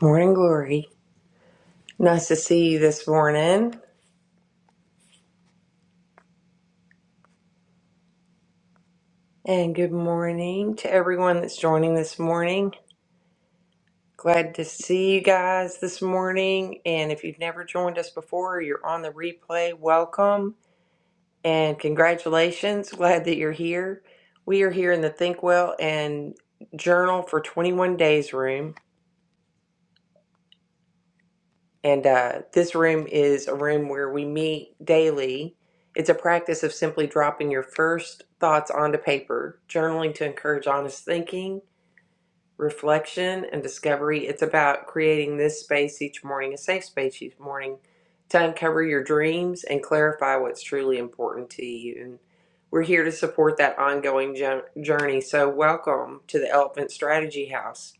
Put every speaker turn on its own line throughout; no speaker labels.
Morning Glory. Nice to see you this morning. And good morning to everyone that's joining this morning. Glad to see you guys this morning. And if you've never joined us before, you're on the replay. Welcome and congratulations. Glad that you're here. We are here in the Think Well and Journal for 21 Days room And uh, this room is a room where we meet daily. It's a practice of simply dropping your first thoughts onto paper, journaling to encourage honest thinking, reflection, and discovery. It's about creating this space each morning, a safe space each morning, to uncover your dreams and clarify what's truly important to you. And we're here to support that ongoing jo- journey. So, welcome to the Elephant Strategy House.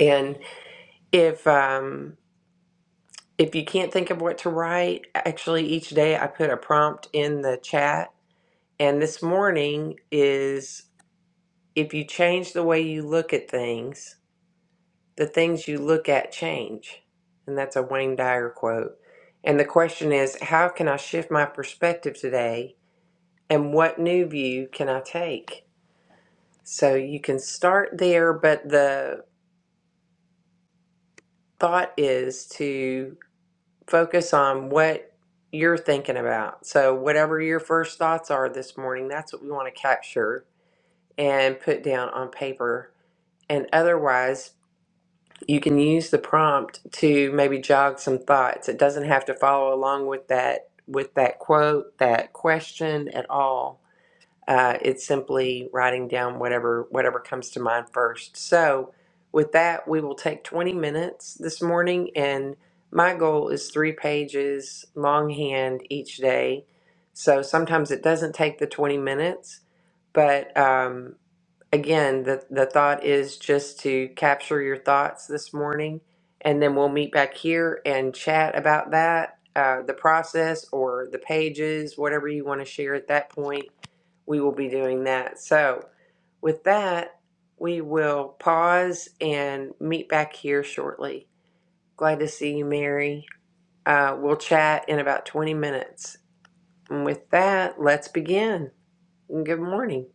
And if um, if you can't think of what to write, actually each day I put a prompt in the chat. And this morning is if you change the way you look at things, the things you look at change. And that's a Wayne Dyer quote. And the question is, how can I shift my perspective today? And what new view can I take? So you can start there, but the thought is to focus on what you're thinking about. So, whatever your first thoughts are this morning, that's what we want to capture and put down on paper. And otherwise, you can use the prompt to maybe jog some thoughts. It doesn't have to follow along with that with that quote, that question at all. Uh, it's simply writing down whatever whatever comes to mind first. So, with that, we will take 20 minutes this morning, and my goal is three pages longhand each day. So sometimes it doesn't take the 20 minutes, but um, again, the, the thought is just to capture your thoughts this morning, and then we'll meet back here and chat about that, uh, the process or the pages, whatever you want to share at that point. We will be doing that. So, with that, we will pause and meet back here shortly. Glad to see you, Mary. Uh, we'll chat in about 20 minutes. And with that, let's begin. Good morning.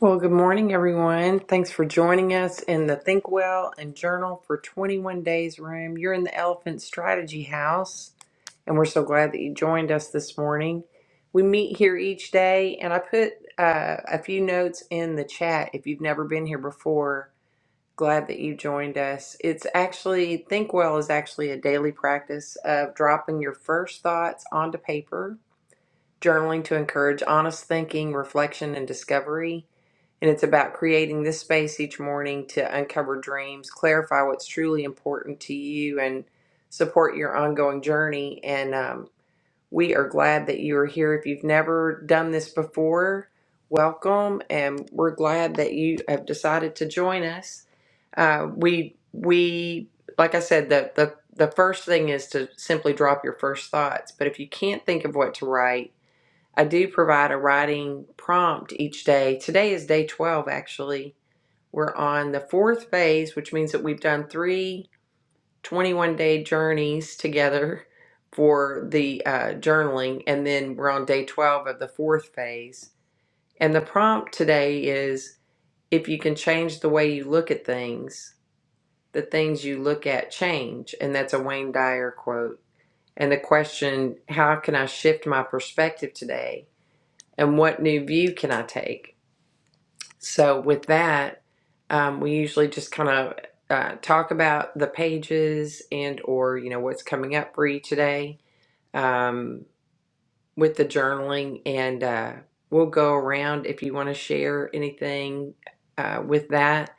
Well, good morning, everyone. Thanks for joining us in the Think Well and Journal for 21 Days room. You're in the Elephant Strategy House, and we're so glad that you joined us this morning. We meet here each day, and I put uh, a few notes in the chat if you've never been here before. Glad that you joined us. It's actually, Think Well is actually a daily practice of dropping your first thoughts onto paper, journaling to encourage honest thinking, reflection, and discovery and it's about creating this space each morning to uncover dreams, clarify what's truly important to you, and support your ongoing journey. And um, we are glad that you are here. If you've never done this before, welcome. And we're glad that you have decided to join us. Uh, we, we, like I said, the, the, the first thing is to simply drop your first thoughts. But if you can't think of what to write, I do provide a writing prompt each day. Today is day 12, actually. We're on the fourth phase, which means that we've done three twenty-one day journeys together for the uh, journaling. And then we're on day 12 of the fourth phase. And the prompt today is if you can change the way you look at things, the things you look at change. And that's a Wayne Dyer quote. And the question, how can I shift my perspective today? And what new view can I take? So with that, um, we usually just kind of uh, talk about the pages and or you know what's coming up for you today um, with the journaling, and uh, we'll go around if you want to share anything uh, with that.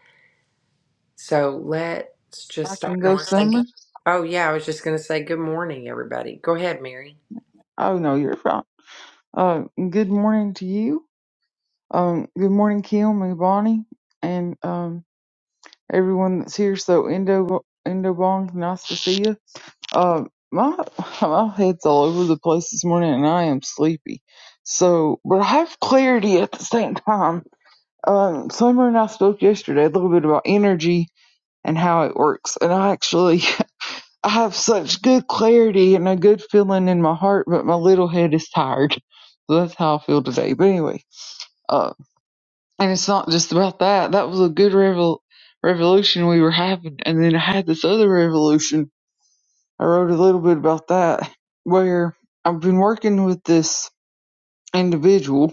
So let's
I
just start.
can
And I
go
want to say, good-
Summers.
oh yeah, I was just going to say good morning, everybody. Go ahead, Mary.
Oh no, you're fine. Uh, good morning to you. Um, good morning, Kim and Bonnie, and um, everyone that's here. So Indo Indo Bong, nice to see you. Uh, my my head's all over the place this morning, and I am sleepy. So, but I have clarity at the same time. Um, Summer and I spoke yesterday a little bit about energy and how it works, and I actually I have such good clarity and a good feeling in my heart, but my little head is tired. So that's how I feel today. But anyway, uh, and it's not just about that. That was a good revel- revolution we were having. And then I had this other revolution. I wrote a little bit about that where I've been working with this individual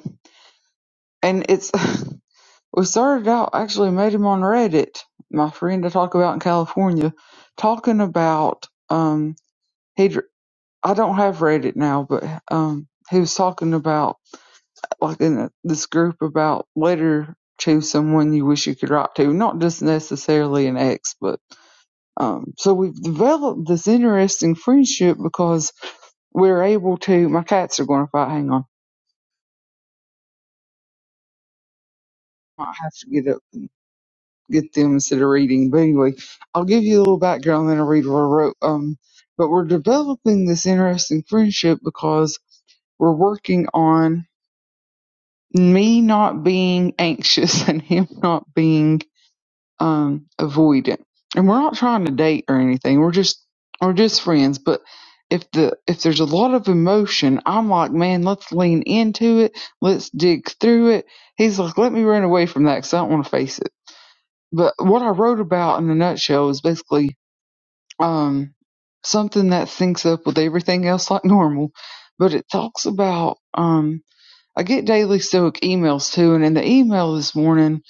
and it's, we started out actually made him on Reddit, my friend I talk about in California, talking about, um, he I don't have read it now, but um, he was talking about like in this group about later choose someone you wish you could write to, not just necessarily an ex, but um, so we've developed this interesting friendship because we're able to. My cats are going to fight. Hang on, I might have to get up, get them instead of reading. But anyway, I'll give you a little background, then I'll read what I wrote. Um, but we're developing this interesting friendship because we're working on me not being anxious and him not being um avoidant and we're not trying to date or anything we're just we're just friends but if the if there's a lot of emotion i'm like man let's lean into it let's dig through it he's like let me run away from that because i don't want to face it but what i wrote about in a nutshell is basically um something that syncs up with everything else like normal but it talks about um I get daily Stoic emails too, and in the email this morning,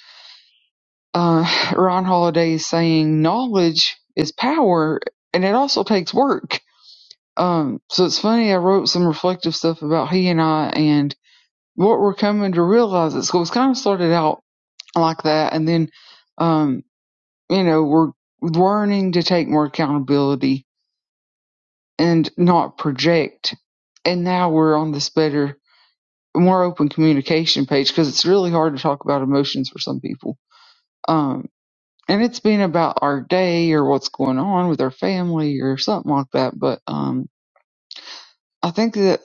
uh, Ron Holiday is saying knowledge is power, and it also takes work. Um, so it's funny. I wrote some reflective stuff about he and I and what we're coming to realize at school. It's kind of started out like that, and then, um, you know, we're learning to take more accountability and not project. And now we're on this better, more open communication page because it's really hard to talk about emotions for some people Um, and it's been about our day or what's going on with our family or something like that. But um, I think that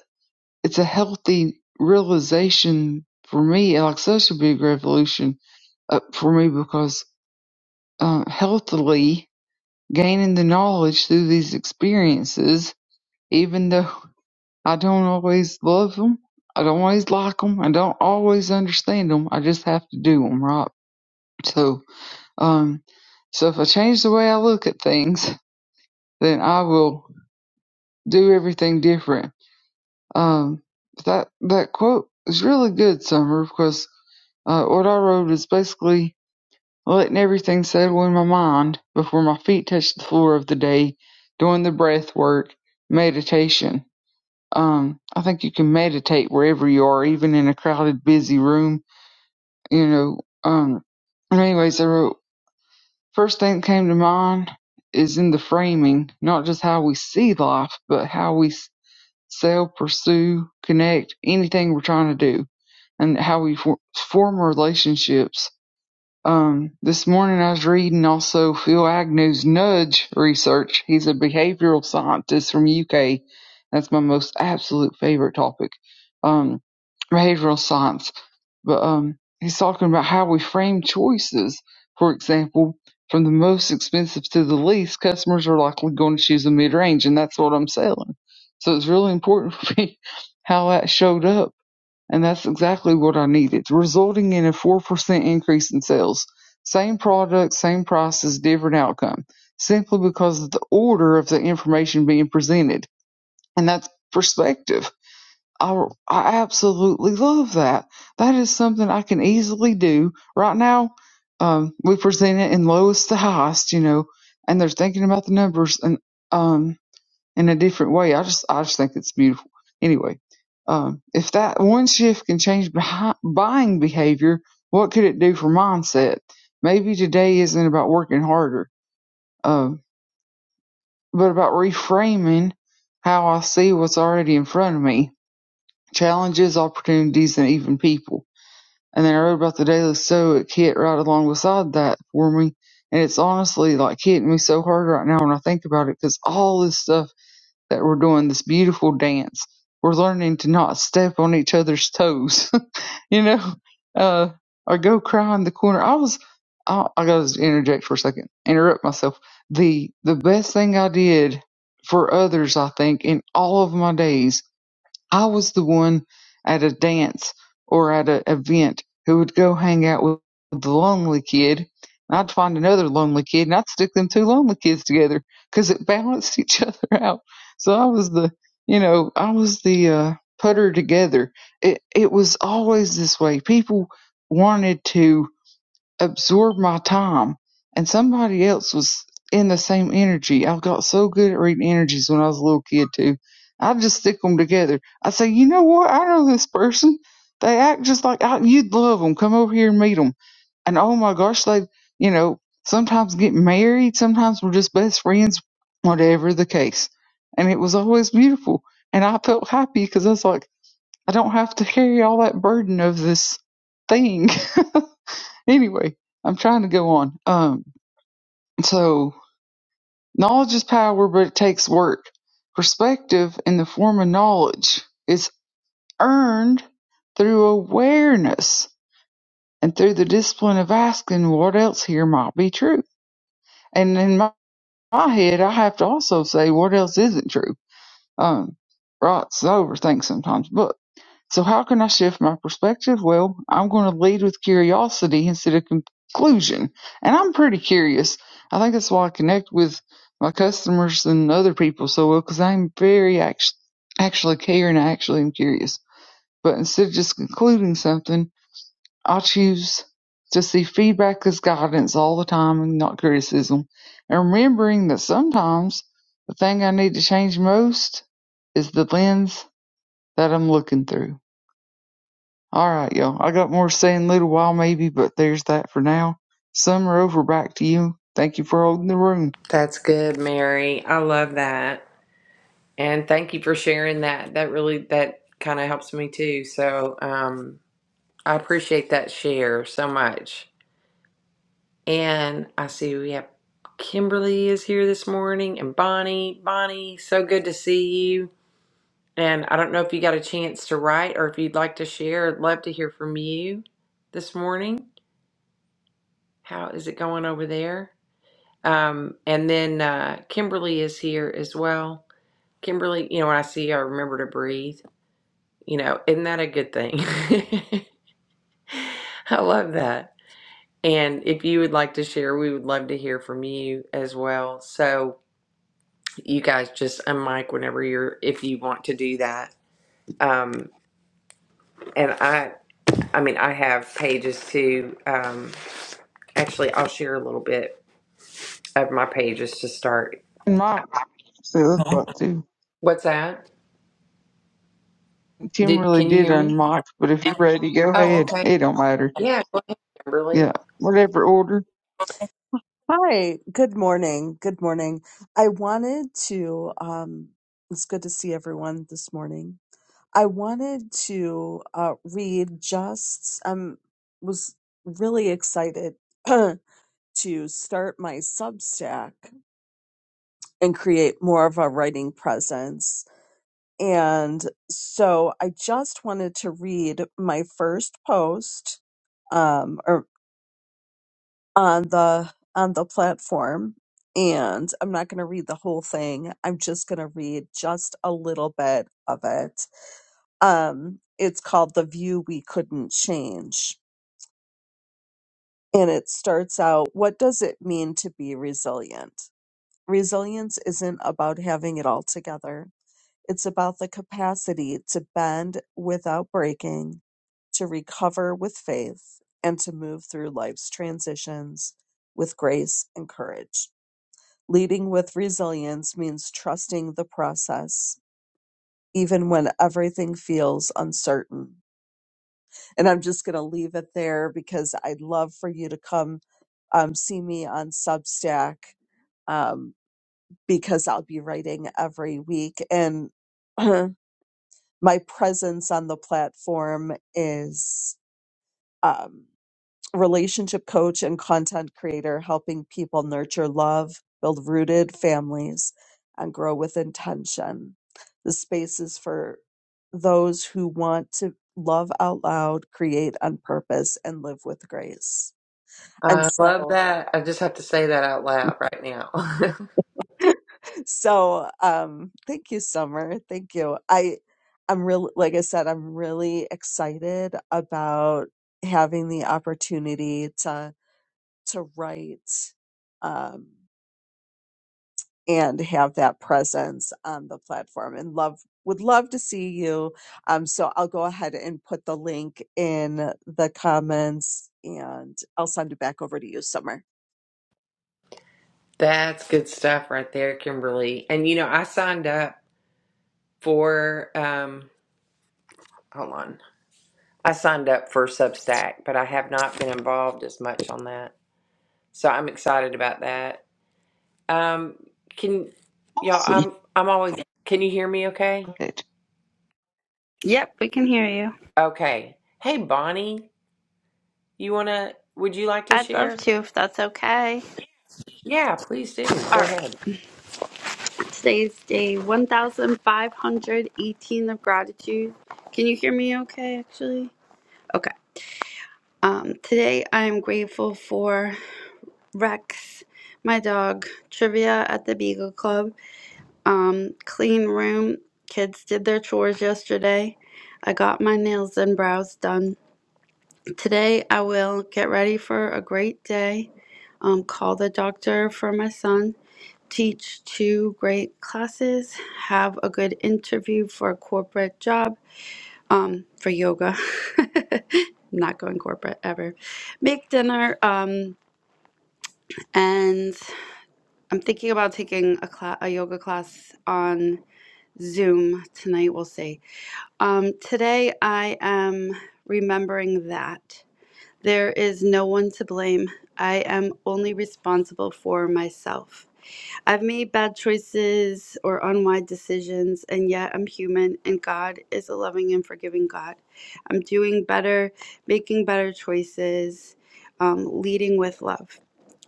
it's a healthy realization for me, like such a big revolution uh, for me because uh, healthily gaining the knowledge through these experiences, even though I don't always love them, I don't always like them, I don't always understand them, I just have to do them, right? So, um, so if I change the way I look at things, then I will do everything different. Um, that that quote is really good, Summer, because uh, what I wrote is basically letting everything settle in my mind before my feet touch the floor of the day, doing the breath work, meditation. Um, I think you can meditate wherever you are, even in a crowded, busy room. You know. Um, and anyways, I wrote first thing that came to mind is in the framing, not just how we see life, but how we sell, pursue, connect, anything we're trying to do and how we for, form relationships um, this morning I was reading also Phil Agnew's nudge research. He's a behavioral scientist from UK. That's my most absolute favorite topic, um, behavioral science. But um, he's talking about how we frame choices. For example, from the most expensive to the least, customers are likely going to choose a mid range, and that's what I'm selling. So it's really important for me how that showed up and that's exactly what I needed, resulting in a 4% increase in sales. Same product, same prices, different outcome, simply because of the order of the information being presented. And that's perspective. I, I absolutely love that. That is something I can easily do. Right now, um, we present it in lowest to highest, you know, and they're thinking about the numbers. And um, in a different way. I just I just think it's beautiful. Anyway, um, if that one shift can change buying behavior, what could it do for mindset? Maybe today isn't about working harder, um, but about reframing how I see what's already in front of me, challenges, opportunities, and even people. And then I wrote about the daily stoic hit right along beside that for me. And it's honestly like hitting me so hard right now when I think about it because all this stuff that we're doing this beautiful dance. We're learning to not step on each other's toes, you know, uh, or go cry in the corner. I was, I, I got to interject for a second, interrupt myself. The the best thing I did for others, I think, in all of my days I was the one at a dance or at an event who would go hang out with the lonely kid. And I'd find another lonely kid and I'd stick them two lonely kids together because it balanced each other out. So I was the, you know, I was the uh, putter together. It it was always this way. People wanted to absorbed my time and somebody else was in the same energy. I got so good at reading energies when I was a little kid too. I'd just stick them together. I'd say, you know what? I know this person. They act just like I, you'd love them. Come over here and meet them. And oh my gosh, they, you know, sometimes get married. Sometimes we're just best friends, whatever the case. And it was always beautiful. And I felt happy because I was like, I don't have to carry all that burden of this thing Anyway, I'm trying to go on. Um, so knowledge is power, but it takes work. Perspective in the form of knowledge is earned through awareness and through the discipline of asking what else here might be true. And in my, my head, I have to also say what else isn't true. Um, right, so I overthink sometimes. But So how can I shift my perspective? Well, I'm going to lead with curiosity instead of conclusion. And I'm pretty curious. I think that's why I connect with my customers and other people so well because I'm very act- actually care and I actually am curious. But instead of just concluding something, I choose to see feedback as guidance all the time and not criticism. And remembering that sometimes the thing I need to change most is the lens that I'm looking through. All right, y'all. I got more to say in a little while, maybe, but there's that for now. Summer over. Back to you. Thank you for holding the room.
That's good, Mary. I love that, and thank you for sharing that. That really that kind of helps me too. So. Um, I appreciate that share so much. And I see we have Kimberly is here this morning and Bonnie. Bonnie, so good to see you. And I don't know if you got a chance to write or if you'd like to share. I'd love to hear from you this morning. How is it going over there? Um, and then uh, Kimberly is here as well. Kimberly, you know, when I see you, I remember to breathe. You know, isn't that a good thing? I love that. And if you would like to share, we would love to hear from you as well. So you guys just unmic whenever you're if you want to do that. Um, and I I mean I have pages too. Um, actually I'll share a little bit of my pages to start.
And Mike, see that's what too.
What's that?
Tim
Did
really
can you
did
hear me?
unmic, but if you're ready, go
Oh
ahead.
okay.
It don't matter.
Yeah, Kimberly.
Yeah, whatever order.
Hi, good morning. Good morning. I wanted to, um, it's good to see everyone this morning. I wanted to uh, read just, um, was really excited to start my Substack and create more of a writing presence. And so I just wanted to read my first post, um, or on the on the platform and i'm not going to read the whole thing i'm just going to read just a little bit of it um it's called the view we couldn't change and it starts out what does it mean to be resilient resilience isn't about having it all together it's about the capacity to bend without breaking to recover with faith and to move through life's transitions with grace and courage Leading with resilience means trusting the process, even when everything feels uncertain. And I'm just going to leave it there because I'd love for you to come um, see me on Substack um, because I'll be writing every week. And my presence on the platform is. um, relationship coach and content creator, helping people nurture love, build rooted families, and grow with intention. The space is for those who want to love out loud, create on purpose, and live with grace. And
I love
so,
that. I just have to say that out loud right now.
so um, thank you, Summer. Thank you. I, I'm really, like I said, I'm really excited about having the opportunity to to write. Um, and have that presence on the platform and love would love to see you um, so i'll go ahead and put the link in the comments and i'll send it back over to you summer
That's good stuff right there, Kimberly. And you know, I signed up for um hold on. I signed up for Substack, but I have not been involved as much on that. So I'm excited about that. Um, can y'all?
Awesome.
I'm I'm always. Can you hear me? Okay.
Yep, we can hear you.
Okay. Hey, Bonnie, you wanna? Would you like to
I'd love
share?
to if that's okay.
Yeah, please do.
All
Go
right.
ahead.
Today's day 1518 of gratitude. Can you hear me okay actually? Okay. Um today I am grateful for Rex, my dog, trivia at the Beagle Club, um clean room. Kids did their chores yesterday. I got my nails and brows done. Today I will get ready for a great day. Um, call the doctor for my son teach two great classes, have a good interview for a corporate job, um, for yoga. Not going corporate ever. Make dinner, um, and I'm thinking about taking a class, a yoga class on Zoom tonight. We'll see. Um, today I am remembering that there is no one to blame. I am only responsible for myself. I've made bad choices or unwise decisions, and yet I'm human, and God is a loving and forgiving God. I'm doing better, making better choices, um, leading with love.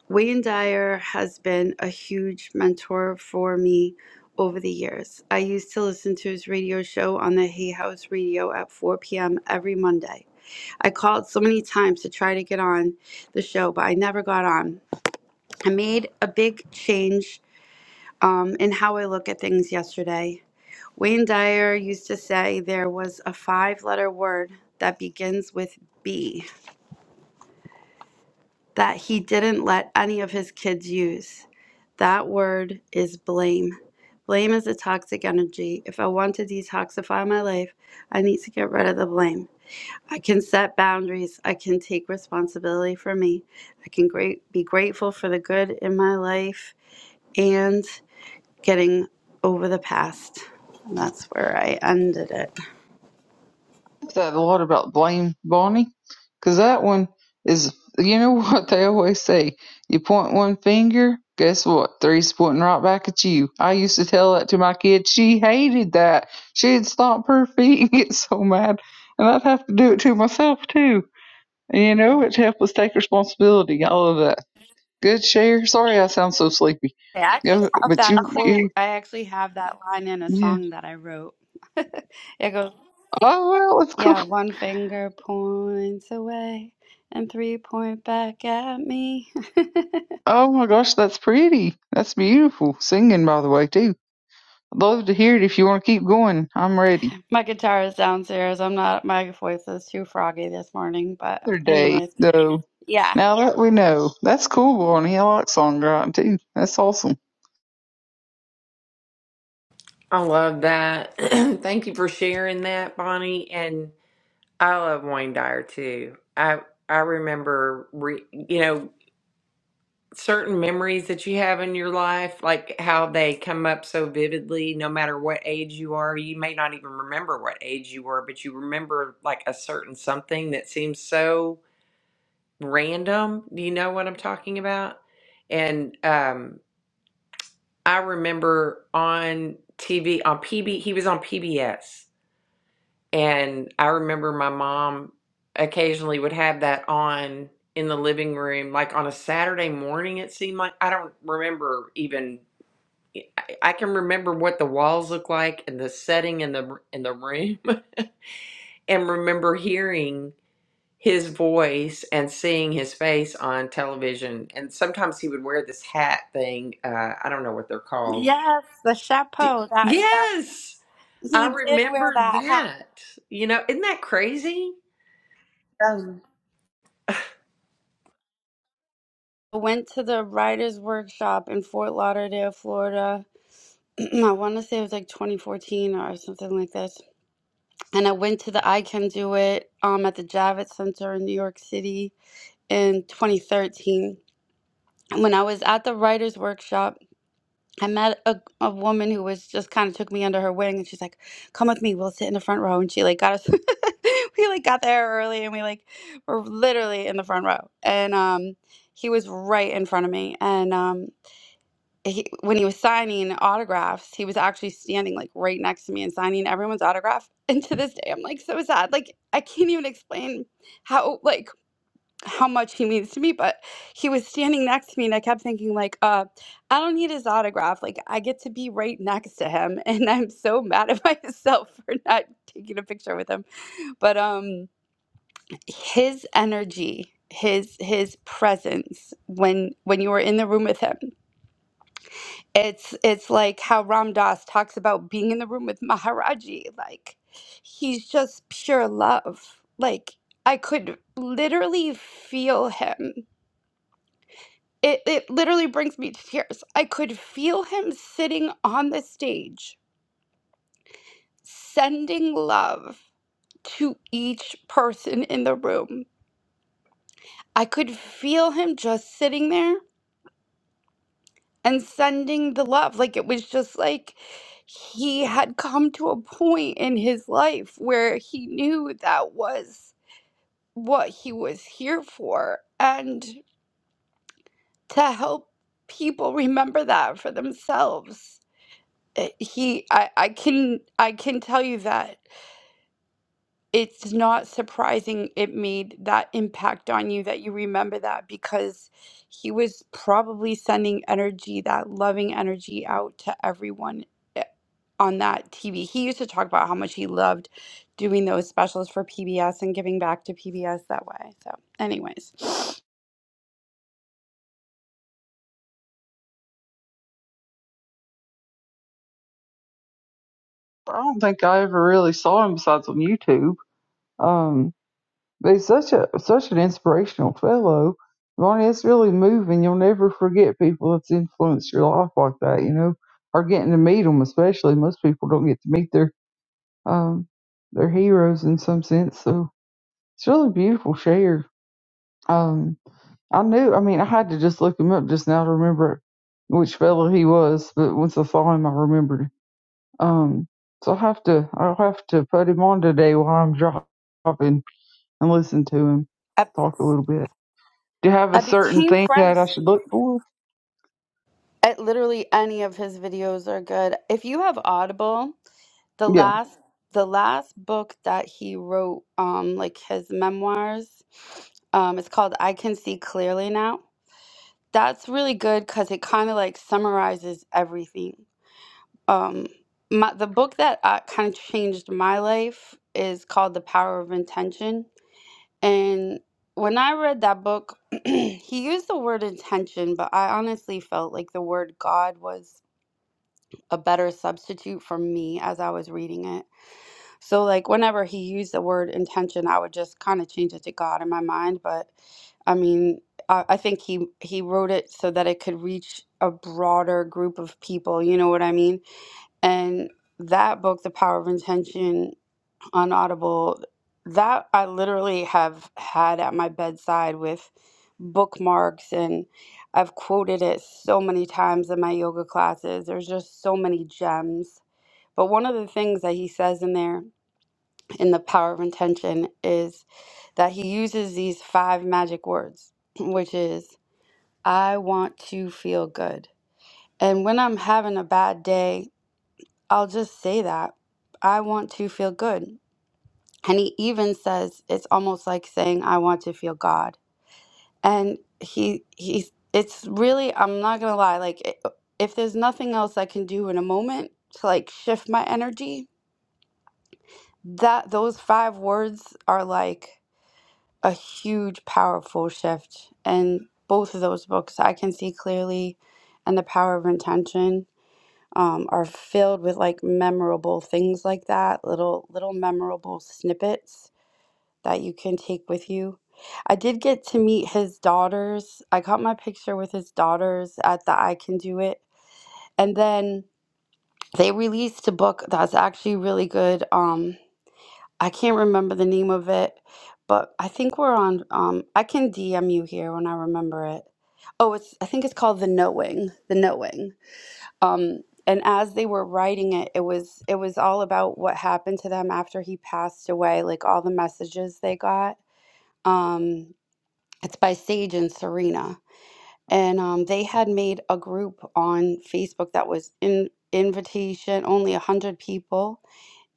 Wayne Dyer has been a huge mentor for me over the years. I used to listen to his radio show on the Hay House Radio at 4 p.m. every Monday. I called so many times to try to get on the show, but I never got on. I made a big change um, in how I look at things yesterday. Wayne Dyer used to say there was a five letter word that begins with B that he didn't let any of his kids use. That word is blame. Blame is a toxic energy. If I want to detoxify my life, I need to get rid of the blame. I can set boundaries. I can take responsibility for me. I can great, be grateful for the good in my life and. getting over the past. And that's where I ended it.
that a lot about Blame Bonnie, 'cause that one is, you know what they always say? You point one finger, guess what? Three's pointing right back at you. I used to tell that to my kid. She hated that. She'd stomp her feet and get so mad. And I'd have to do it to myself, too. And, you know, it helped us take responsibility, all of that. Good share. Sorry I sound so sleepy.
I actually
Go,
have
but you,
that quote.
you,
I actually have that line in a
yeah.
song that I wrote. it goes,
Oh, well, it's cool.
Yeah, one finger points away and three point back at me.
Oh my gosh, that's pretty. That's beautiful. Singing, by the way, too. I'd love to hear it if you want to keep going. I'm ready.
my guitar is downstairs. I'm not, my voice is too froggy this morning. But,
Other day,
anyways,
though.
yeah.
Now that we know, that's cool, Barney. I like songwriting too. That's awesome.
I love that. Thank you for sharing that, Bonnie. And I love Wayne Dyer too. I I remember, re, you know, certain memories that you have in your life, like how they come up so vividly, no matter what age you are? You may not even remember what age you were, but you remember like a certain something that seems so random. Do you know what I'm talking about? And um, I remember on TV, on PB, he was on PBS. And I remember my mom occasionally would have that on in the living room, like on a Saturday morning, it seemed like. I don't remember even I I can remember what the walls look like and the setting in the in the room, and remember hearing his voice and seeing his face on television. And sometimes he would wear this hat thing. Uh, I don't know what they're called.
Yes, the
D-
chapeau that
Yes, I
he did wear
remember
that hat.
that. You know, isn't that crazy? Um,
I went to the writer's workshop in Fort Lauderdale, Florida I want to say it was like 2014 or something like this. And I went to the I Can Do It um, at the Javits Center in New York City in 2013. And When I was at the writer's workshop, I met a, a woman who was just kind of took me under her wing and she's like, come with me, we'll sit in the front row. And she like got us, we like got there early and we like were literally in the front row. And um, he was right in front of me. And um he, when he was signing autographs, he was actually standing like right next to me and signing everyone's autograph. And to this day, I'm like so sad. Like I can't even explain how like how much he means to me. But he was standing next to me, and I kept thinking like, uh, I don't need his autograph. Like I get to be right next to him, and I'm so mad at myself for not taking a picture with him. But um, his energy, his his presence when when you were in the room with him it's it's like how Ram Dass talks about being in the room with Maharaji. Like he's just pure love. Like I could literally feel him. It it literally brings me to tears. I could feel him sitting on the stage, sending love to each person in the room. I could feel him just sitting there and sending the love. Like it was just like he had come to a point in his life where he knew that was what he was here for and to help people remember that for themselves. Uh, He I, I can I can tell you that it's not surprising it made that impact on you that you remember that because he was probably sending energy, that loving energy out to everyone eh, on that TV. He used to talk about how much he loved doing those specials for PBS and giving back to PBS that way. So, anyways,
I don't think I ever really saw him besides on YouTube. Um, but he's such a such an inspirational fellow, Barney. It's really moving. You'll never forget people that's influenced your life like that. You know, or getting to meet them, especially most people don't get to meet their um their heroes in some sense. So it's really beautiful. Share. Um, I knew. I mean, I had to just look him up just now to remember which fellow he was. But once I saw him, I remembered. Um, so I have to. I'll have to put him on today while I'm dropping and listen to him
I,
talk a little bit. Do you have a
I
certain
became
thing that I
friends
should look for?
at literally any of his videos are good. If you have Audible, the
Yeah.
last the last book that he wrote, um, like his memoirs, um, it's called I Can See Clearly Now. That's really good because it kind of like summarizes everything. um my the book that uh, kind of changed my life is called the power of intention and when i read that book he used the word intention but i honestly felt like the word god was a better substitute for me as i was reading it so like whenever he used the word intention i would just kind of change it to god in my mind but i mean I, I think he he wrote it so that it could reach a broader group of people you know what i mean and that book, The Power of Intention on Audible, that I literally have had at my bedside with bookmarks and I've quoted it so many times in my yoga classes. There's just so many gems. But one of the things that he says in there in The Power of Intention is that he uses these five magic words, which is, I want to feel good. And when I'm having a bad day, I'll just say that. I want to feel good. And he even says it's almost like saying I want to feel God. And he he's it's really I'm not going to lie like i if there's nothing else I can do in a moment to like shift my energy, that those five words are like a huge powerful shift. And both of those books I can see clearly and the power of intention um, are filled with like memorable things like that, little little memorable snippets that you can take with you. I did get to meet his daughters. I got my picture with his daughters at the I Can Do It. And then they released a book that's actually really good. Um, I can't remember the name of it, but I think we're on um, I can DM you here when I remember it. Oh, it's I think it's called The Knowing. The Knowing um and as they were writing it it was it was all about what happened to them after he passed away like all the messages they got um it's by sage and serena and um they had made a group on facebook that was in invitation only 100 people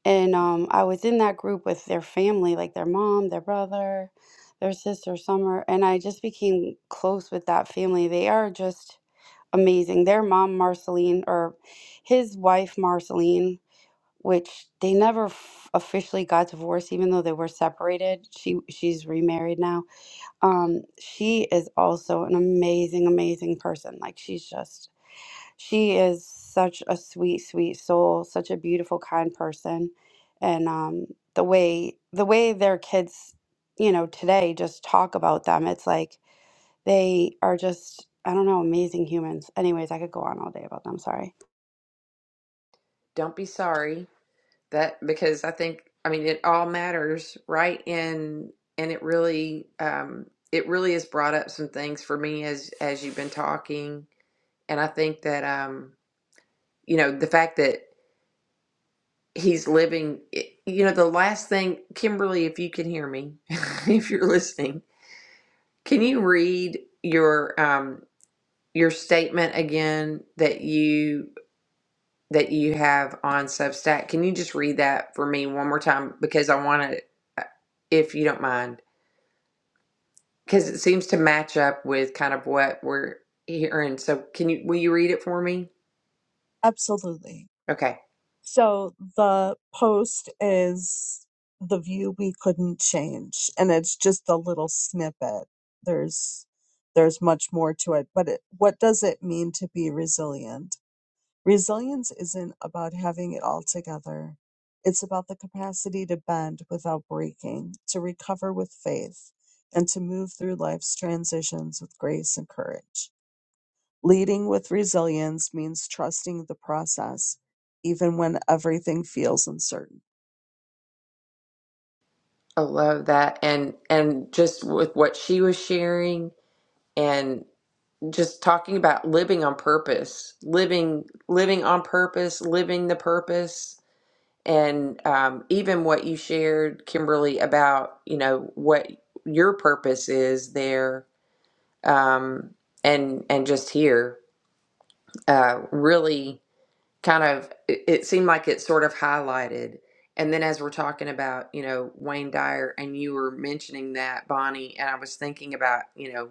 and um i was in that group with their family like their mom their brother their sister summer and i just became close with that family they are just amazing. Their mom, Marceline, or his wife, Marceline, which they never f- officially got divorced, even though they were separated. She she's remarried now. Um, she is also an amazing, amazing person. Like she's just she is such a sweet, sweet soul, such a beautiful, kind person, and um, the way the way their kids, you know, today just talk about them. It's like they are just, I don't know, amazing humans. Anyways, I could go on all day about them. Sorry.
don't be sorry. that because I think I mean it all matters, right? And and it really um it really has brought up some things for me as as you've been talking. And I think that um you know the fact that he's living eh, you know the last thing Kimberly if you can hear me if you're listening can you read your um your statement again that you that you have on Substack. Can you just read that for me one more time? Because I want to, if you don't mind, because
Sure.
it seems to match up with kind of what we're hearing. So can you, will you read it for me?
absolutely
Okay.
So the post is the view we couldn't change, and it's just a little snippet. There's there's much more to it, but it, what does it mean to be resilient? Resilience isn't about having it all together. It's about the capacity to bend without breaking, to recover with faith, and to move through life's transitions with grace and courage. Leading with resilience means trusting the process, even when everything feels uncertain.
I love that. And, and just with what she was sharing and just talking about living on purpose, living, living on purpose, living the purpose and um, even what you shared, Kimberly, about you know what your purpose is there, um, and and just here, uh, really kind of it, it seemed like it sort of highlighted. And then as we're talking about you know Wayne Dyer, and you were mentioning that Bonnie, and I was thinking about you know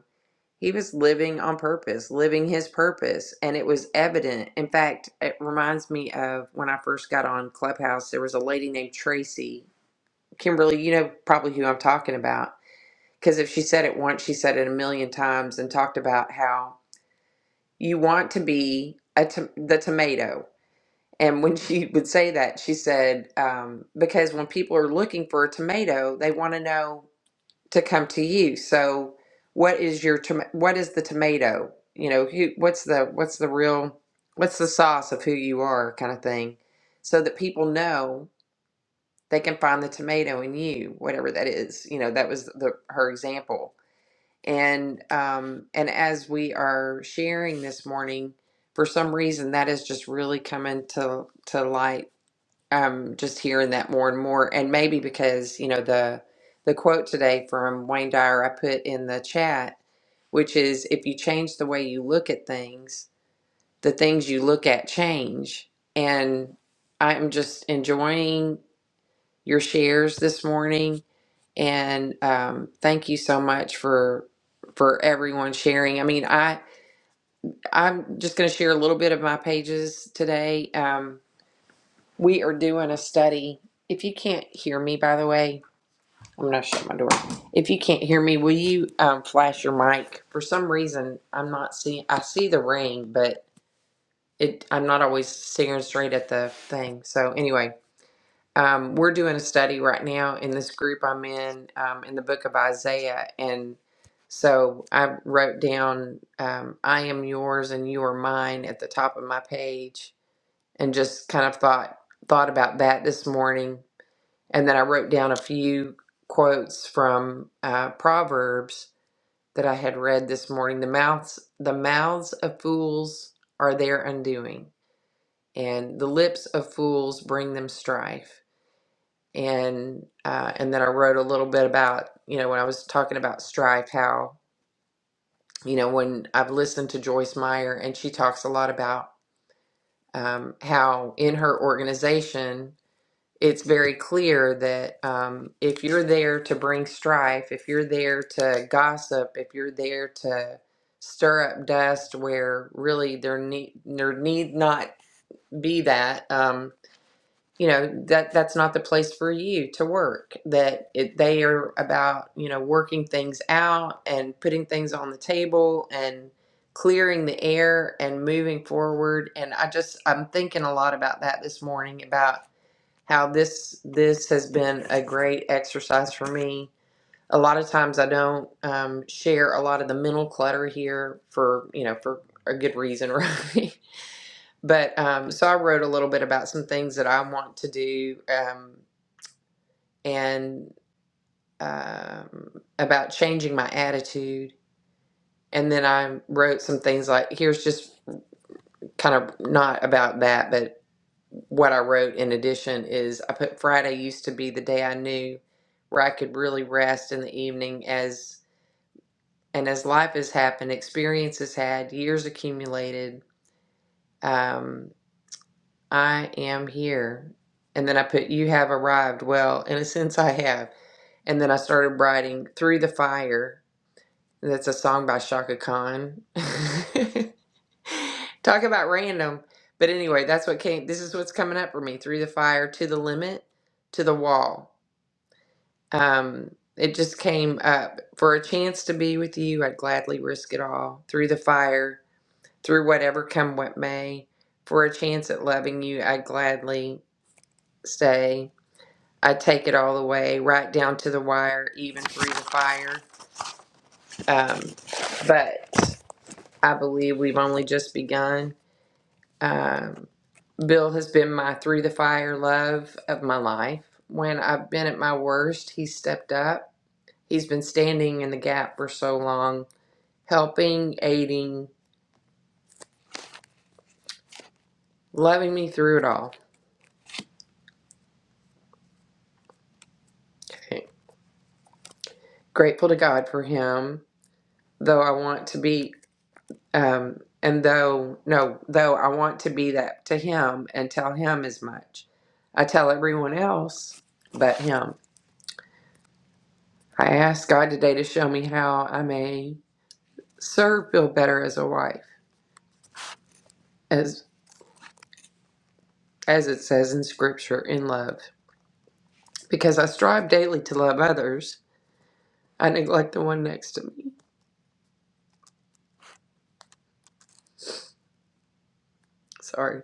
he was living on purpose, living his purpose, and it was evident. In fact, it reminds me of when I first got on Clubhouse. There was a lady named Tracy Kimberly, you know probably who I'm talking about. Because if she said it once, she said it a million times and talked about how you want to be a to- the tomato. And when she would say that, she said, um, because when people are looking for a tomato, they want to know to come to you. So, what is your tom- what is the tomato? You know, who what's the what's the real what's the sauce of who you are kind of thing, so that people know they can find the tomato in you, whatever that is. You know, that was the her example. And um, and as we are sharing this morning, for some reason that is just really coming to to light. Um, just hearing that more and more, and maybe because you know the the quote today from Wayne Dyer I put in the chat, which is if you change the way you look at things, the things you look at change. And I'm just enjoying your shares this morning and um, thank you so much for for everyone sharing i mean i i'm just going to share a little bit of my pages today um, we are doing a study if you can't hear me by the way i'm going to shut my door if you can't hear me will you um, flash your mic for some reason i'm not seeing i see the ring but it i'm not always staring straight at the thing so anyway um, we're doing a study right now in this group I'm in um, in the book of Isaiah, and so I wrote down um, "I am yours and you are mine" at the top of my page, and just kind of thought thought about that this morning, and then I wrote down a few quotes from uh, Proverbs that I had read this morning. The mouths the mouths of fools are their undoing, and the lips of fools bring them strife and uh, and then I wrote a little bit about you know when I was talking about strife, how you know when I've listened to Joyce Meyer and she talks a lot about um, how in her organization it's very clear that um, if you're there to bring strife, if you're there to gossip, if you're there to stir up dust where really there need there need not be that. Um, you know that that's not the place for you to work that it, they are about you know working things out and putting things on the table and clearing the air and moving forward and i just i'm thinking a lot about that this morning about how this this has been a great exercise for me a lot of times i don't um, share a lot of the mental clutter here for you know for a good reason right but um, so I wrote a little bit about some things that I want to do um, and um, about changing my attitude. And then I wrote some things like here's just kind of not about that, but what I wrote in addition is I put Friday used to be the day I knew where I could really rest in the evening as and as life has happened, experience has had, years accumulated. um, I am here. And then I put, You have arrived. Well, in a sense, I have. And then I started writing Through the Fire. That's a song by Shaka Khan. Talk about random. But anyway, that's what came. This is what's coming up for me Through the Fire, To the Limit, To the Wall. Um, it just came up. For a chance to be with you, I'd gladly risk it all. Through the fire, through whatever come what may. For a chance at loving you, I'd gladly stay I take it all the way, right down to the wire, even through the fire. Um, but I believe we've only just begun. Um, Bill has been my through the fire love of my life. When I've been at my worst, he stepped up. He's been standing in the gap for so long, helping, aiding, loving me through it all. Grateful to God for him, though I want to be. Um, and though, no, though I want to be that to him and tell him as much, I tell everyone else but him. I ask God today to show me how I may serve Bill better as a wife, as as it says in Scripture, in love, because I strive daily to love others. I neglect the one next to me. Sorry,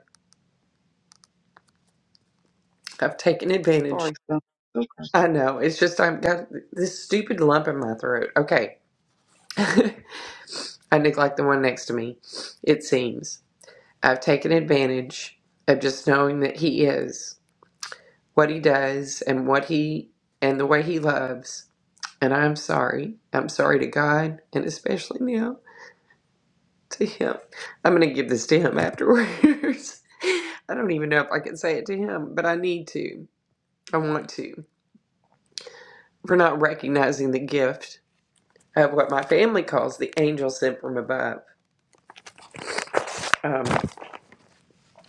I've taken advantage.
Sorry, son. Okay.
I know it's just I've got this stupid lump in my throat. Okay, I neglect the one next to me. It seems. I've taken advantage of just knowing that He is what He does and what He and the way He loves. And I'm sorry. I'm sorry to God and especially now to Him. I'm going to give this to Him afterwards. I don't even know if I can say it to Him, but I need to. I want to. For not recognizing the gift of what my family calls the angel sent from above. Um,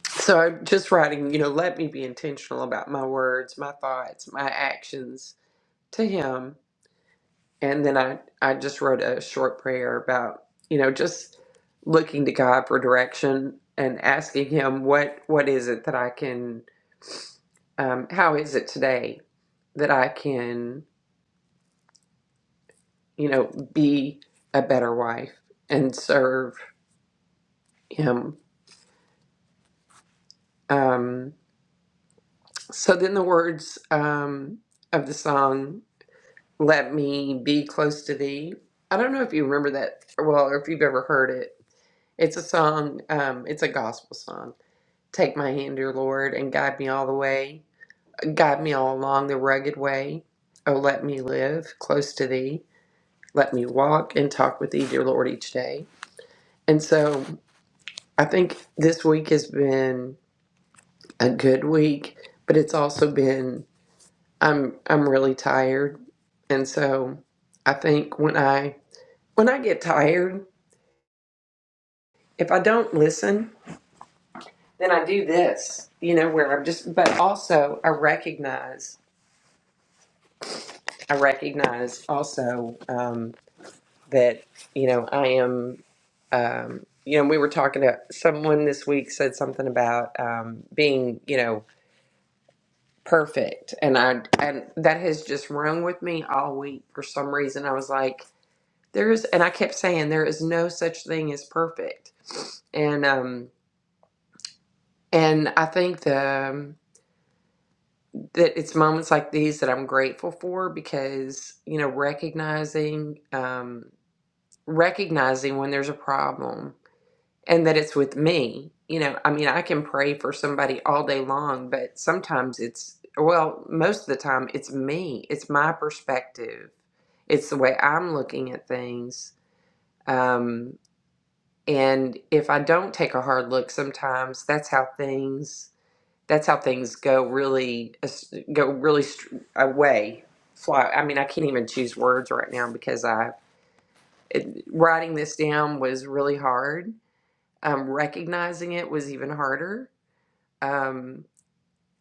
so I'm just writing, you know, let me be intentional about my words, my thoughts, my actions to him and then i i just wrote a short prayer about you know just looking to god for direction and asking him what what is it that i can um, how is it today that i can you know be a better wife and serve him um, so then the words um, of the song let me be close to thee i don't know if you remember that well or if you've ever heard it It's a song, um, it's a gospel song. Take my hand, dear Lord, and guide me all the way. Guide me all along the rugged way. Oh, let me live close to thee. Let me walk and talk with thee, dear Lord, each day. And so I think this week has been a good week, but it's also been I'm I'm really tired. And so I think when I when I get tired, if I don't listen then I do this, you know, where I'm just, but also I recognize, I recognize also um, that, you know, I am, um, you know, we were talking to someone this week said something about um, being, you know, perfect. And I, and that has just rung with me all week for some reason. I was like, there is, and I kept saying, there is no such thing as perfect. And, um, and I think the, um, that it's moments like these that I'm grateful for because you know recognizing um, recognizing when there's a problem and that it's with me. You know, I mean, I can pray for somebody all day long, but sometimes it's well, most of the time it's me. It's my perspective. It's the way I'm looking at things. Um, and if I don't take a hard look, sometimes that's how things that's how things go really go really str- away fly i mean i can't even choose words right now because i it, writing this down was really hard um, recognizing it was even harder um,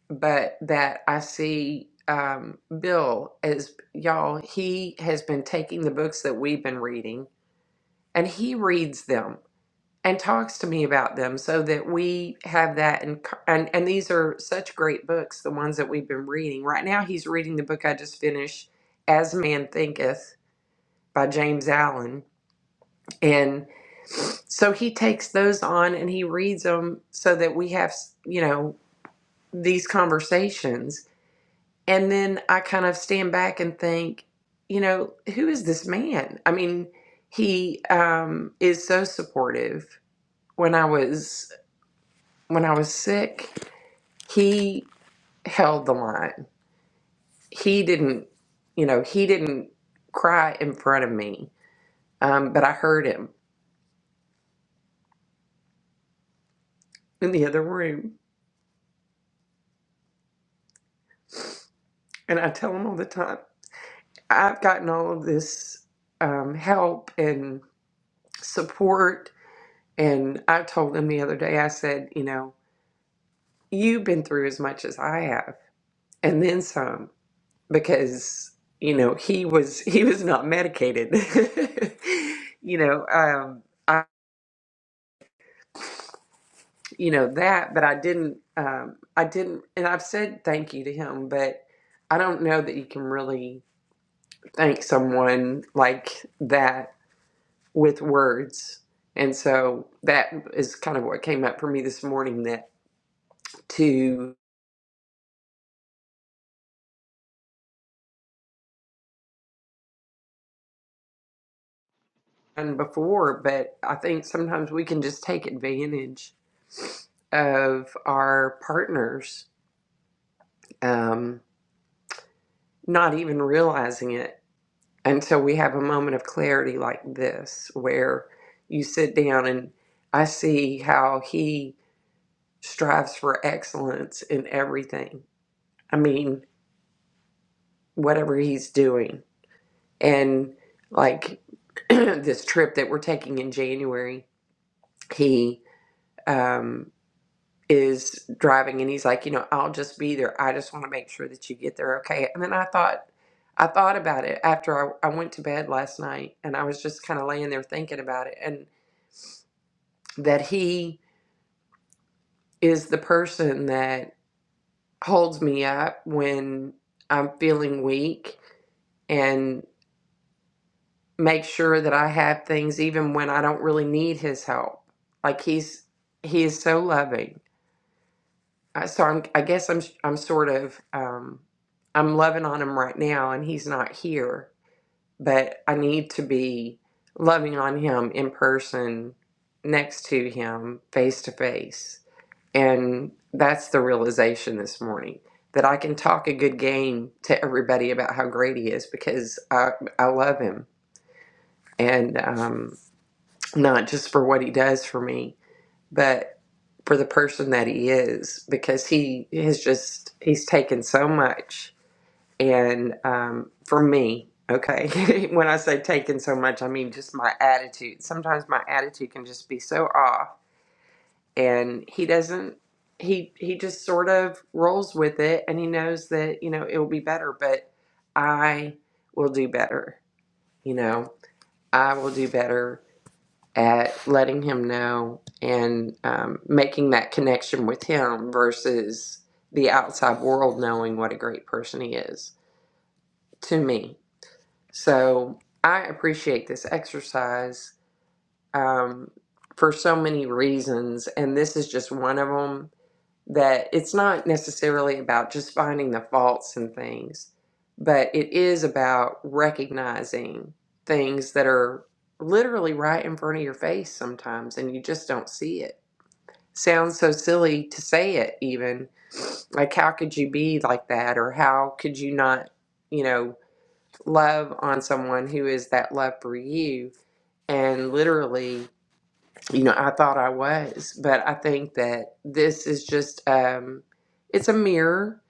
but that i see um, bill as y'all he has been taking the books that we've been reading and he reads them and talks to me about them so that we have that and and and these are such great books the ones that we've been reading right now he's reading the book i just finished as man thinketh by james allen and so he takes those on and he reads them so that we have you know these conversations and then i kind of stand back and think you know who is this man i mean he um, is so supportive when i was when I was sick, he held the line. He didn't, you know, he didn't cry in front of me, um, but I heard him in the other room. And I tell him all the time, I've gotten all of this um, help and support. And I told him the other day, I said, you know, you've been through as much as I have, and then some, because you know he was he was not medicated. you know, um, you know that but i didn't um i didn't and i've said thank you to him but i don't know that you can really thank someone like that with words and so that is kind of what came up for me this morning that to and before but i think sometimes we can just take advantage of our partners um not even realizing it until we have a moment of clarity like this, where you sit down and I see how he strives for excellence in everything. I mean, whatever he's doing. And like this trip that we're taking in January, he um, is driving and he's like, you know, I'll just be there. I just want to make sure that you get there okay. And then I thought, I thought about it after I, I went to bed last night and I was just kind of laying there thinking about it. And that he is the person that holds me up when I'm feeling weak and makes sure that I have things even when I don't really need his help. Like he's he is so loving. Uh, So I'm I guess I'm I'm sort of um I'm loving on him right now and he's not here, but I need to be loving on him in person next to him face to face And that's the realization this morning that I can talk a good game to everybody about how great he is because I, I love him. And um, not just for what he does for me, but for the person that he is because he has just, he's taken so much. And um, for me, okay, when I say taken so much, I mean just my attitude. Sometimes my attitude can just be so off and he doesn't he he just sort of rolls with it and he knows that you know it will be better but i will do better you know i will do better at letting him know and um, making that connection with him versus the outside world knowing what a great person he is to me so i appreciate this exercise um, for so many reasons and this is just one of them that it's not necessarily about just finding the faults in things, but it is about recognizing things that are literally right in front of your face sometimes and you just don't see it. Sounds so silly to say it, even. Like, how could you be like that? Or how could you not, you know, love on someone who is that love for you? And literally, you know i thought i was but i think that this is just um it's a mirror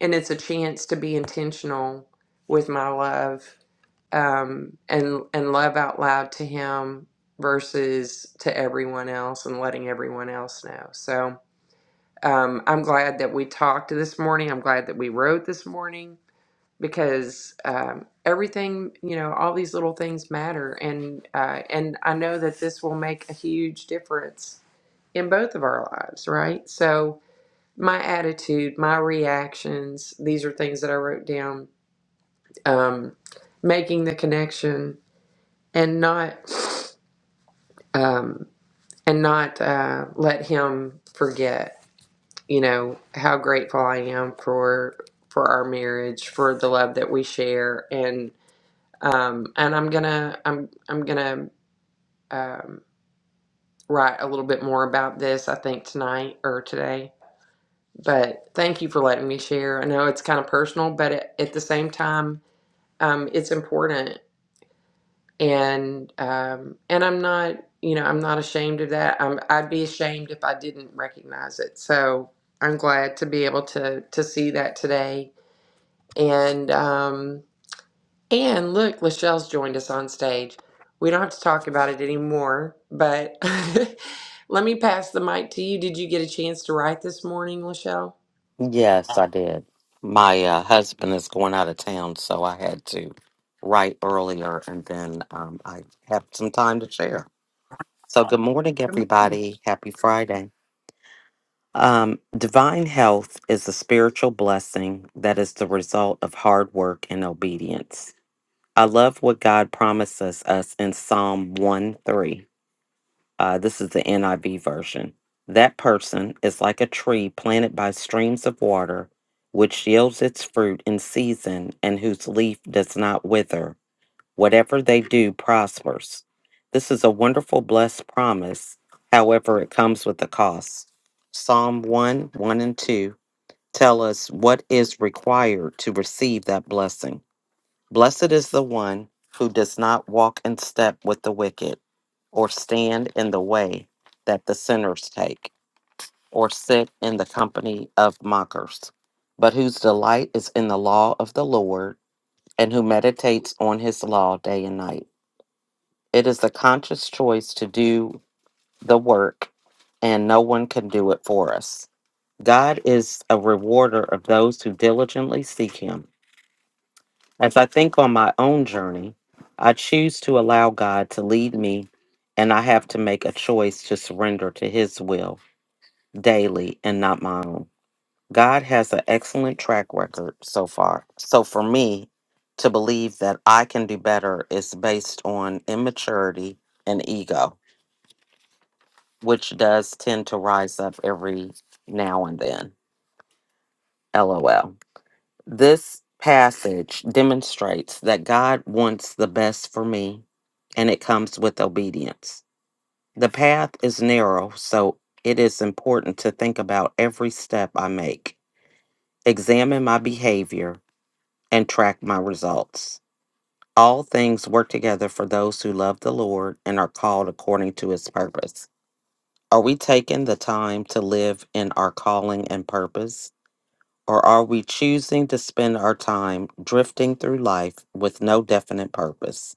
and it's a chance to be intentional with my love um and and love out loud to him versus to everyone else and letting everyone else know so um i'm glad that we talked this morning i'm glad that we wrote this morning because um, everything you know all these little things matter and uh, and i know that this will make a huge difference in both of our lives, right? So, my attitude, my reactions, these are things that I wrote down, um, making the connection and not, um, and not uh, let him forget, you know, how grateful I am for for our marriage, for the love that we share, and um, and I'm gonna I'm I'm gonna um, write a little bit more about this. I think tonight or today But thank you for letting me share. I know it's kind of personal, but at, at the same time, um, it's important. And um, and I'm not, you know, I'm not ashamed of that. I'm, I'd be ashamed if I didn't recognize it. So I'm glad to be able to to see that today. And um, and look, Lachelle's joined us on stage. We don't have to talk about it anymore. But let me pass the mic to you. Did you get a chance to write this morning, Lachelle?
Yes, I did. My uh, husband is going out of town, so I had to write earlier, and then um, I have some time to share. So, good morning, everybody. Happy Friday. Um, divine health is a spiritual blessing that is the result of hard work and obedience. I love what God promises us in Psalm 1 3 uh, this is the NIV version. That person is like a tree planted by streams of water, which yields its fruit in season and whose leaf does not wither. Whatever they do prospers. This is a wonderful, blessed promise. However, it comes with a cost. Psalm 1 1 and 2 tell us what is required to receive that blessing. Blessed is the one who does not walk in step with the wicked, or stand in the way that the sinners take, or sit in the company of mockers, but whose delight is in the law of the Lord, and who meditates on his law day and night. It is a conscious choice to do the work, and no one can do it for us. God is a rewarder of those who diligently seek him As I think on my own journey, I choose to allow God to lead me, and I have to make a choice to surrender to His will daily and not my own. God has an excellent track record so far. So for me, to believe that I can do better is based on immaturity and ego, which does tend to rise up every now and then. LOL. This passage demonstrates that God wants the best for me, and it comes with obedience. The path is narrow, so it is important to think about every step I make, examine my behavior, and track my results. All things work together for those who love the Lord and are called according to his purpose. Are we taking the time to live in our calling and purpose? Or are we choosing to spend our time drifting through life with no definite purpose?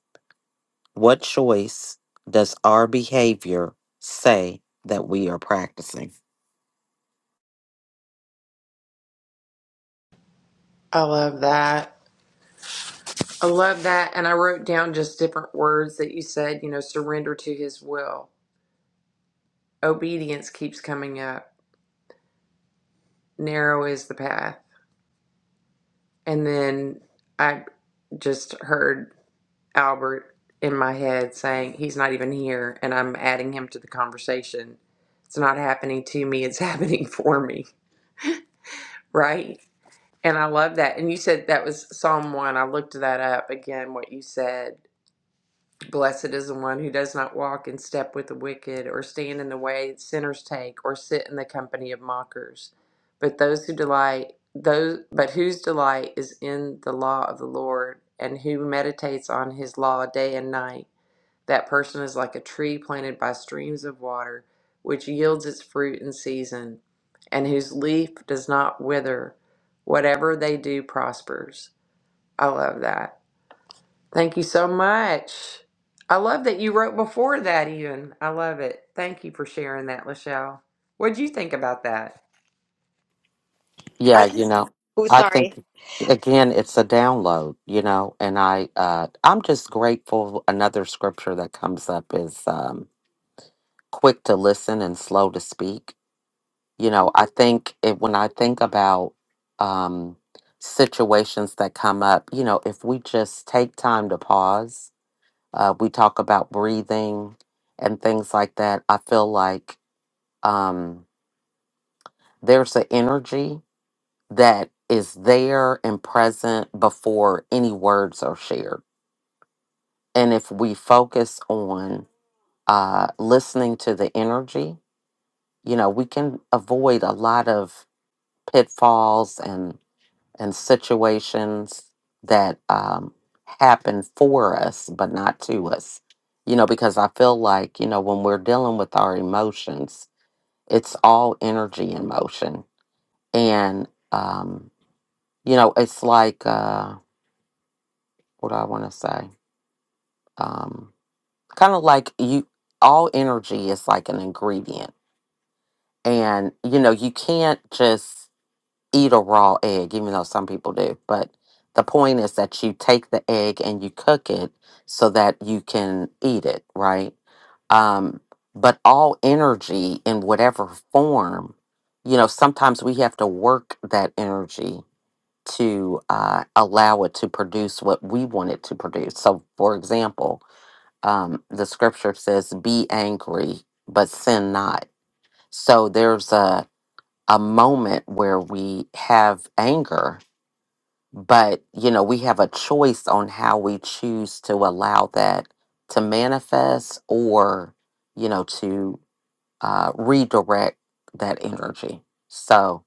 What choice does our behavior say that we are practicing?
I love that. I love that. And I wrote down just different words that you said, you know, surrender to his will. Obedience keeps coming up. Narrow is the path. And then I just heard Albert in my head saying, he's not even here. And I'm adding him to the conversation. It's not happening to me, it's happening for me. Right. And I love that. And you said that was Psalm 1. I looked that up again, what you said Blessed is the one who does not walk in step with the wicked, or stand in the way sinners take, or sit in the company of mockers. But those who delight, those but whose delight is in the law of the Lord, and who meditates on his law day and night, that person is like a tree planted by streams of water, which yields its fruit in season, and whose leaf does not wither. Whatever they do prospers. I love that. Thank you so much. I love that you wrote before that, even. I love it. Thank you for sharing that, Lachelle. What'd you think about that?
Yeah,
I
you
just,
know,
oh,
I think
sorry.
again it's a download, you know, and I uh I'm just grateful another scripture that comes up is um quick to listen and slow to speak you know i think it, when i think about um situations that come up you know if we just take time to pause uh we talk about breathing and things like that i feel like um there's an energy that is there and present before any words are shared and if we focus on uh listening to the energy you know we can avoid a lot of pitfalls and and situations that um, happen for us, but not to us. You know, because I feel like, you know, when we're dealing with our emotions, it's all energy and motion. And, um, you know, it's like, uh, what do I want to say? Um, kind of like you, all energy is like an ingredient. And, you know, you can't just eat a raw egg, even though some people do. But the point is that you take the egg and you cook it so that you can eat it, right? Um, but all energy in whatever form, you know, sometimes we have to work that energy to uh, allow it to produce what we want it to produce. So, for example, um, the scripture says, be angry, but sin not. So there's a, a moment where we have anger but you know we have a choice on how we choose to allow that to manifest or you know to uh, redirect that energy so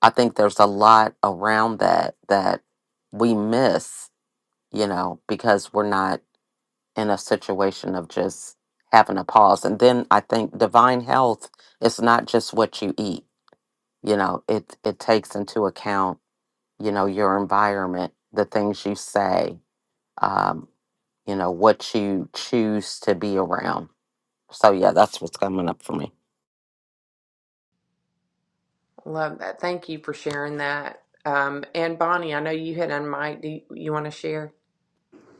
i think there's a lot around that that we miss you know because we're not in a situation of just having a pause and then i think divine health is not just what you eat you know it it takes into account you know your environment the things you say um, you know, what you choose to be around. So yeah, that's what's coming up for me.
Love that. Thank you for sharing that. Um, and Bonnie, I know you hit on Mike. Do you, you want to share?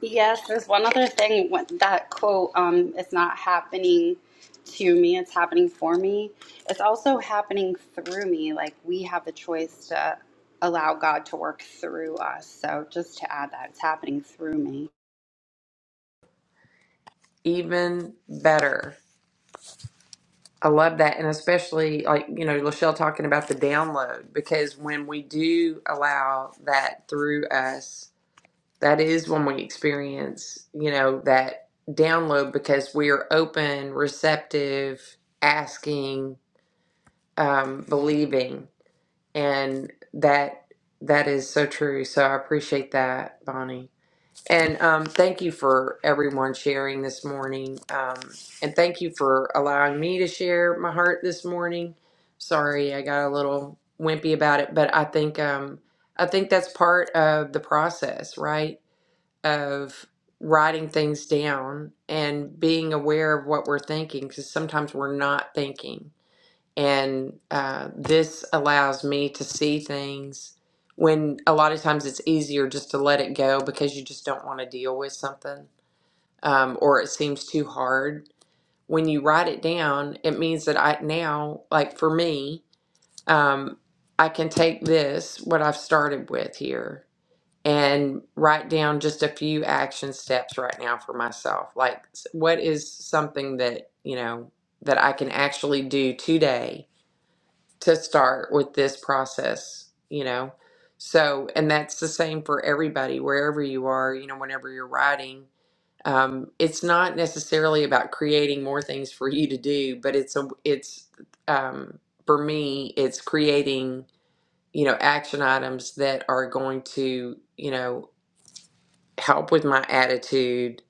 Yes, there's one other thing when- that quote, um, it's not happening to me, it's happening for me. It's also happening through me. Like we have the choice to allow God to work through us. So just to add that, it's happening through me.
Even better. I love that. And especially, like, you know, Lachelle talking about the download, because when we do allow that through us, That is when we experience, you know, that download because we are open, receptive, asking, um, believing, and that that is so true. So I appreciate that, Bonnie. And um, thank you for everyone sharing this morning. Um, and thank you for allowing me to share my heart this morning. Sorry, I got a little wimpy about it, but I think um, I think that's part of the process, right? of writing things down and being aware of what we're thinking because sometimes we're not thinking. And uh, this allows me to see things when a lot of times it's easier just to let it go because you just don't want to deal with something um, or it seems too hard. When you write it down, it means that I now, like for me, um, I can take this, what I've started with here, and write down just a few action steps right now for myself. Like, s- what is something that, you know, that I can actually do today to start with this process, you know? So, and that's the same for everybody, wherever you are, you know, whenever you're writing. Um, it's not necessarily about creating more things for you to do, but it's a, it's, um, for me, it's creating, you know, action items that are going to, you know, help with my attitude,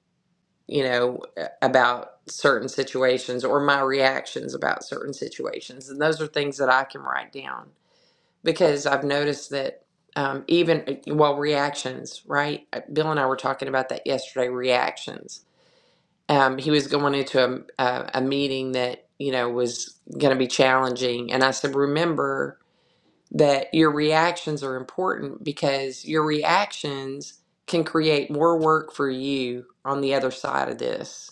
you know, about certain situations or my reactions about certain situations. And those are things that I can write down because I've noticed that um, even, uh, well, reactions, right? Uh, Bill and I were talking about that yesterday reactions. Um, he was going into a, a, a meeting that, you know, was going to be challenging. And I said, remember that your reactions are important because your reactions can create more work for you on the other side of this.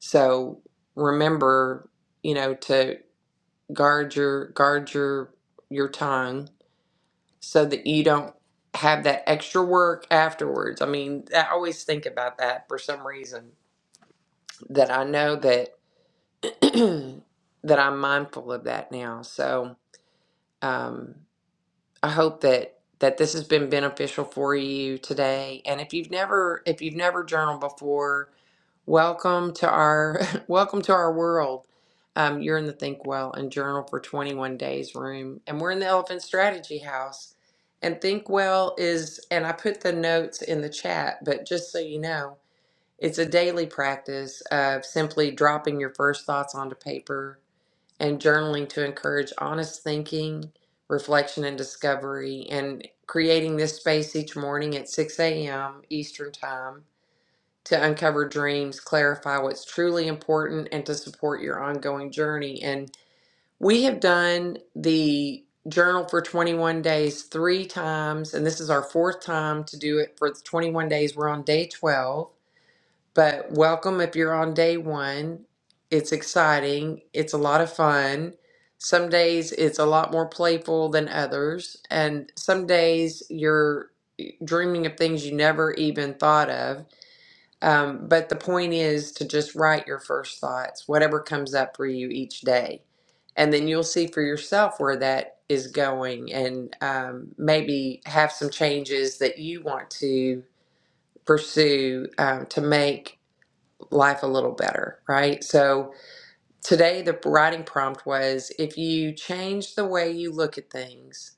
So remember, you know, to guard your guard your your tongue so that you don't have that extra work afterwards. I mean, I always think about that for some reason that I know that that I'm mindful of that now. So, um I hope that that this has been beneficial for you today. And if you've never if you've never journaled before, welcome to our welcome to our world. Um, you're in the Think Well and Journal for 21 Days room, and we're in the Elephant Strategy House. And Think Well is, and I put the notes in the chat, but just so you know, it's a daily practice of simply dropping your first thoughts onto paper and journaling to encourage honest thinking, reflection, and discovery, and creating this space each morning at 6 a.m. Eastern Time to uncover dreams, clarify what's truly important, and to support your ongoing journey. And we have done the journal for 21 days three times, and this is our fourth time to do it for the 21 days. We're on day 12. But welcome if you're on day one. It's exciting, it's a lot of fun. Some days it's a lot more playful than others, and some days you're dreaming of things you never even thought of. Um, but the point is to just write your first thoughts, whatever comes up for you each day. And then you'll see for yourself where that is going, and um, maybe have some changes that you want to pursue um, to make life a little better, right? So today the writing prompt was if you change the way you look at things,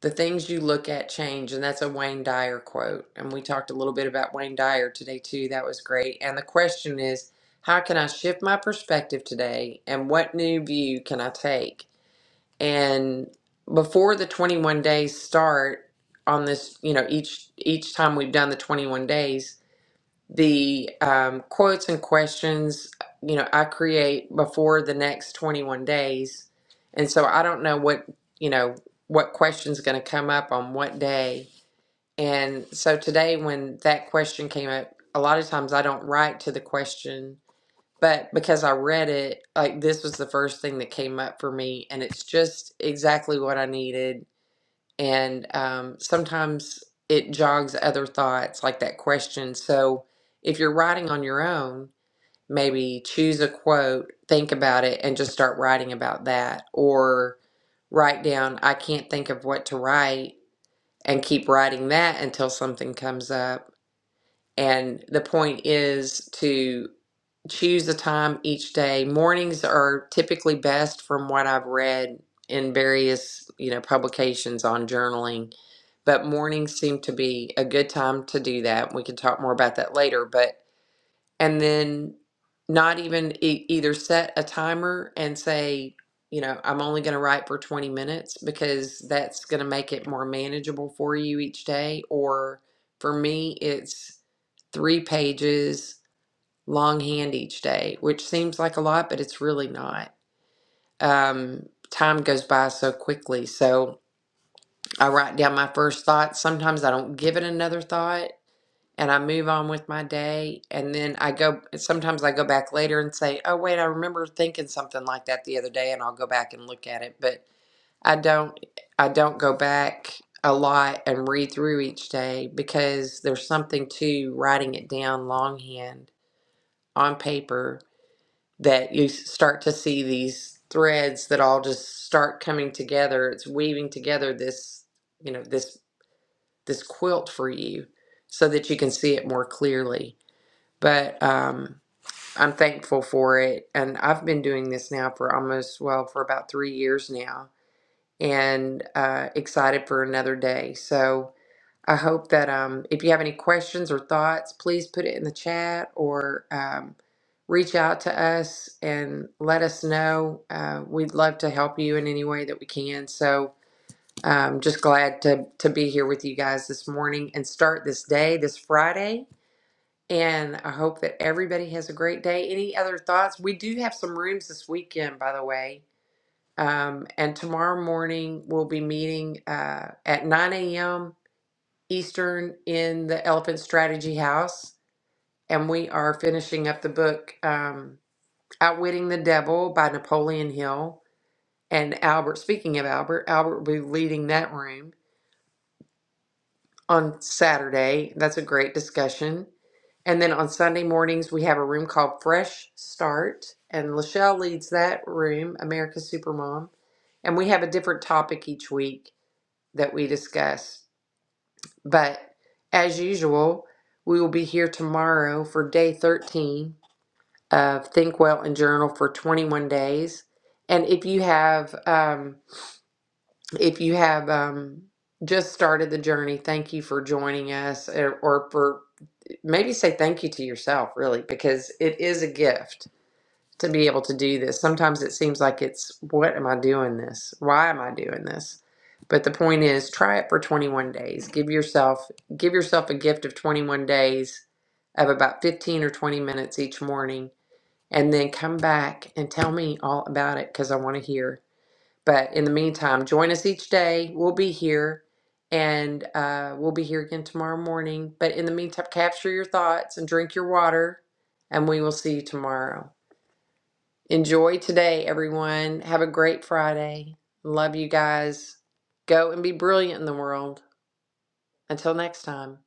the things you look at change. And that's a Wayne Dyer quote. And we talked a little bit about Wayne Dyer today too. That was great. And the question is, how can I shift my perspective today and what new view can I take? And before the 21 days start on this, you know, each each time we've done the 21 days, the um, quotes and questions you know i create before the next 21 days and so i don't know what you know what question's going to come up on what day and so today when that question came up a lot of times i don't write to the question but because i read it like this was the first thing that came up for me and it's just exactly what i needed and um, sometimes it jogs other thoughts like that question so if you're writing on your own maybe choose a quote think about it and just start writing about that or write down i can't think of what to write and keep writing that until something comes up and the point is to choose the time each day. Mornings are typically best from what I've read in various, you know, publications on journaling. But mornings seem to be a good time to do that. We can talk more about that later, but and then not even e- either set a timer and say, you know, I'm only going to write for 20 minutes because that's going to make it more manageable for you each day. Or for me, it's three pages longhand each day, which seems like a lot, but it's really not. Um, time goes by so quickly. So I write down my first thought. Sometimes I don't give it another thought and I move on with my day. And then I go, sometimes I go back later and say, oh, wait, I remember thinking something like that the other day, and I'll go back and look at it. But I don't, I don't go back a lot and read through each day because there's something to writing it down longhand on paper that you s- start to see these threads that all just start coming together. It's weaving together this, you know, this this quilt for you so that you can see it more clearly but um, I'm thankful for it. And I've been doing this now for almost, well, for about three years now, and uh, excited for another day. So I hope that um, if you have any questions or thoughts, please put it in the chat or um, reach out to us and let us know. Uh, we'd love to help you in any way that we can. So I'm just glad to, to be here with you guys this morning and start this day, this Friday and I hope that everybody has a great day. Any other thoughts? We do have some rooms this weekend, by the way. Um, and tomorrow morning, we'll be meeting uh, at 9 a.m. Eastern in the Elephant Strategy House. And we are finishing up the book um, Outwitting the Devil by Napoleon Hill. And Albert, speaking of Albert, Albert will be leading that room on Saturday. That's a great discussion. And then on Sunday mornings, we have a room called Fresh Start, and Lachelle leads that room, America's Supermom. And we have a different topic each week that we discuss. But as usual, we will be here tomorrow for day 13 of Think Well and Journal for 21 days. And if you have, um, if you have um, just started the journey, thank you for joining us, or, or for maybe say thank you to yourself, really, because it is a gift to be able to do this. Sometimes it seems like it's, what am I doing this? Why am I doing this? But the point is, try it for 21 days. Give yourself give yourself a gift of 21 days of about 15 or 20 minutes each morning and then come back and tell me all about it cuz I want to hear. But in the meantime, join us each day. We'll be here and uh, we'll be here again tomorrow morning. But in the meantime, capture your thoughts and drink your water, and we will see you tomorrow. Enjoy today, everyone. Have a great Friday. Love you guys. Go and be brilliant in the world. Until next time.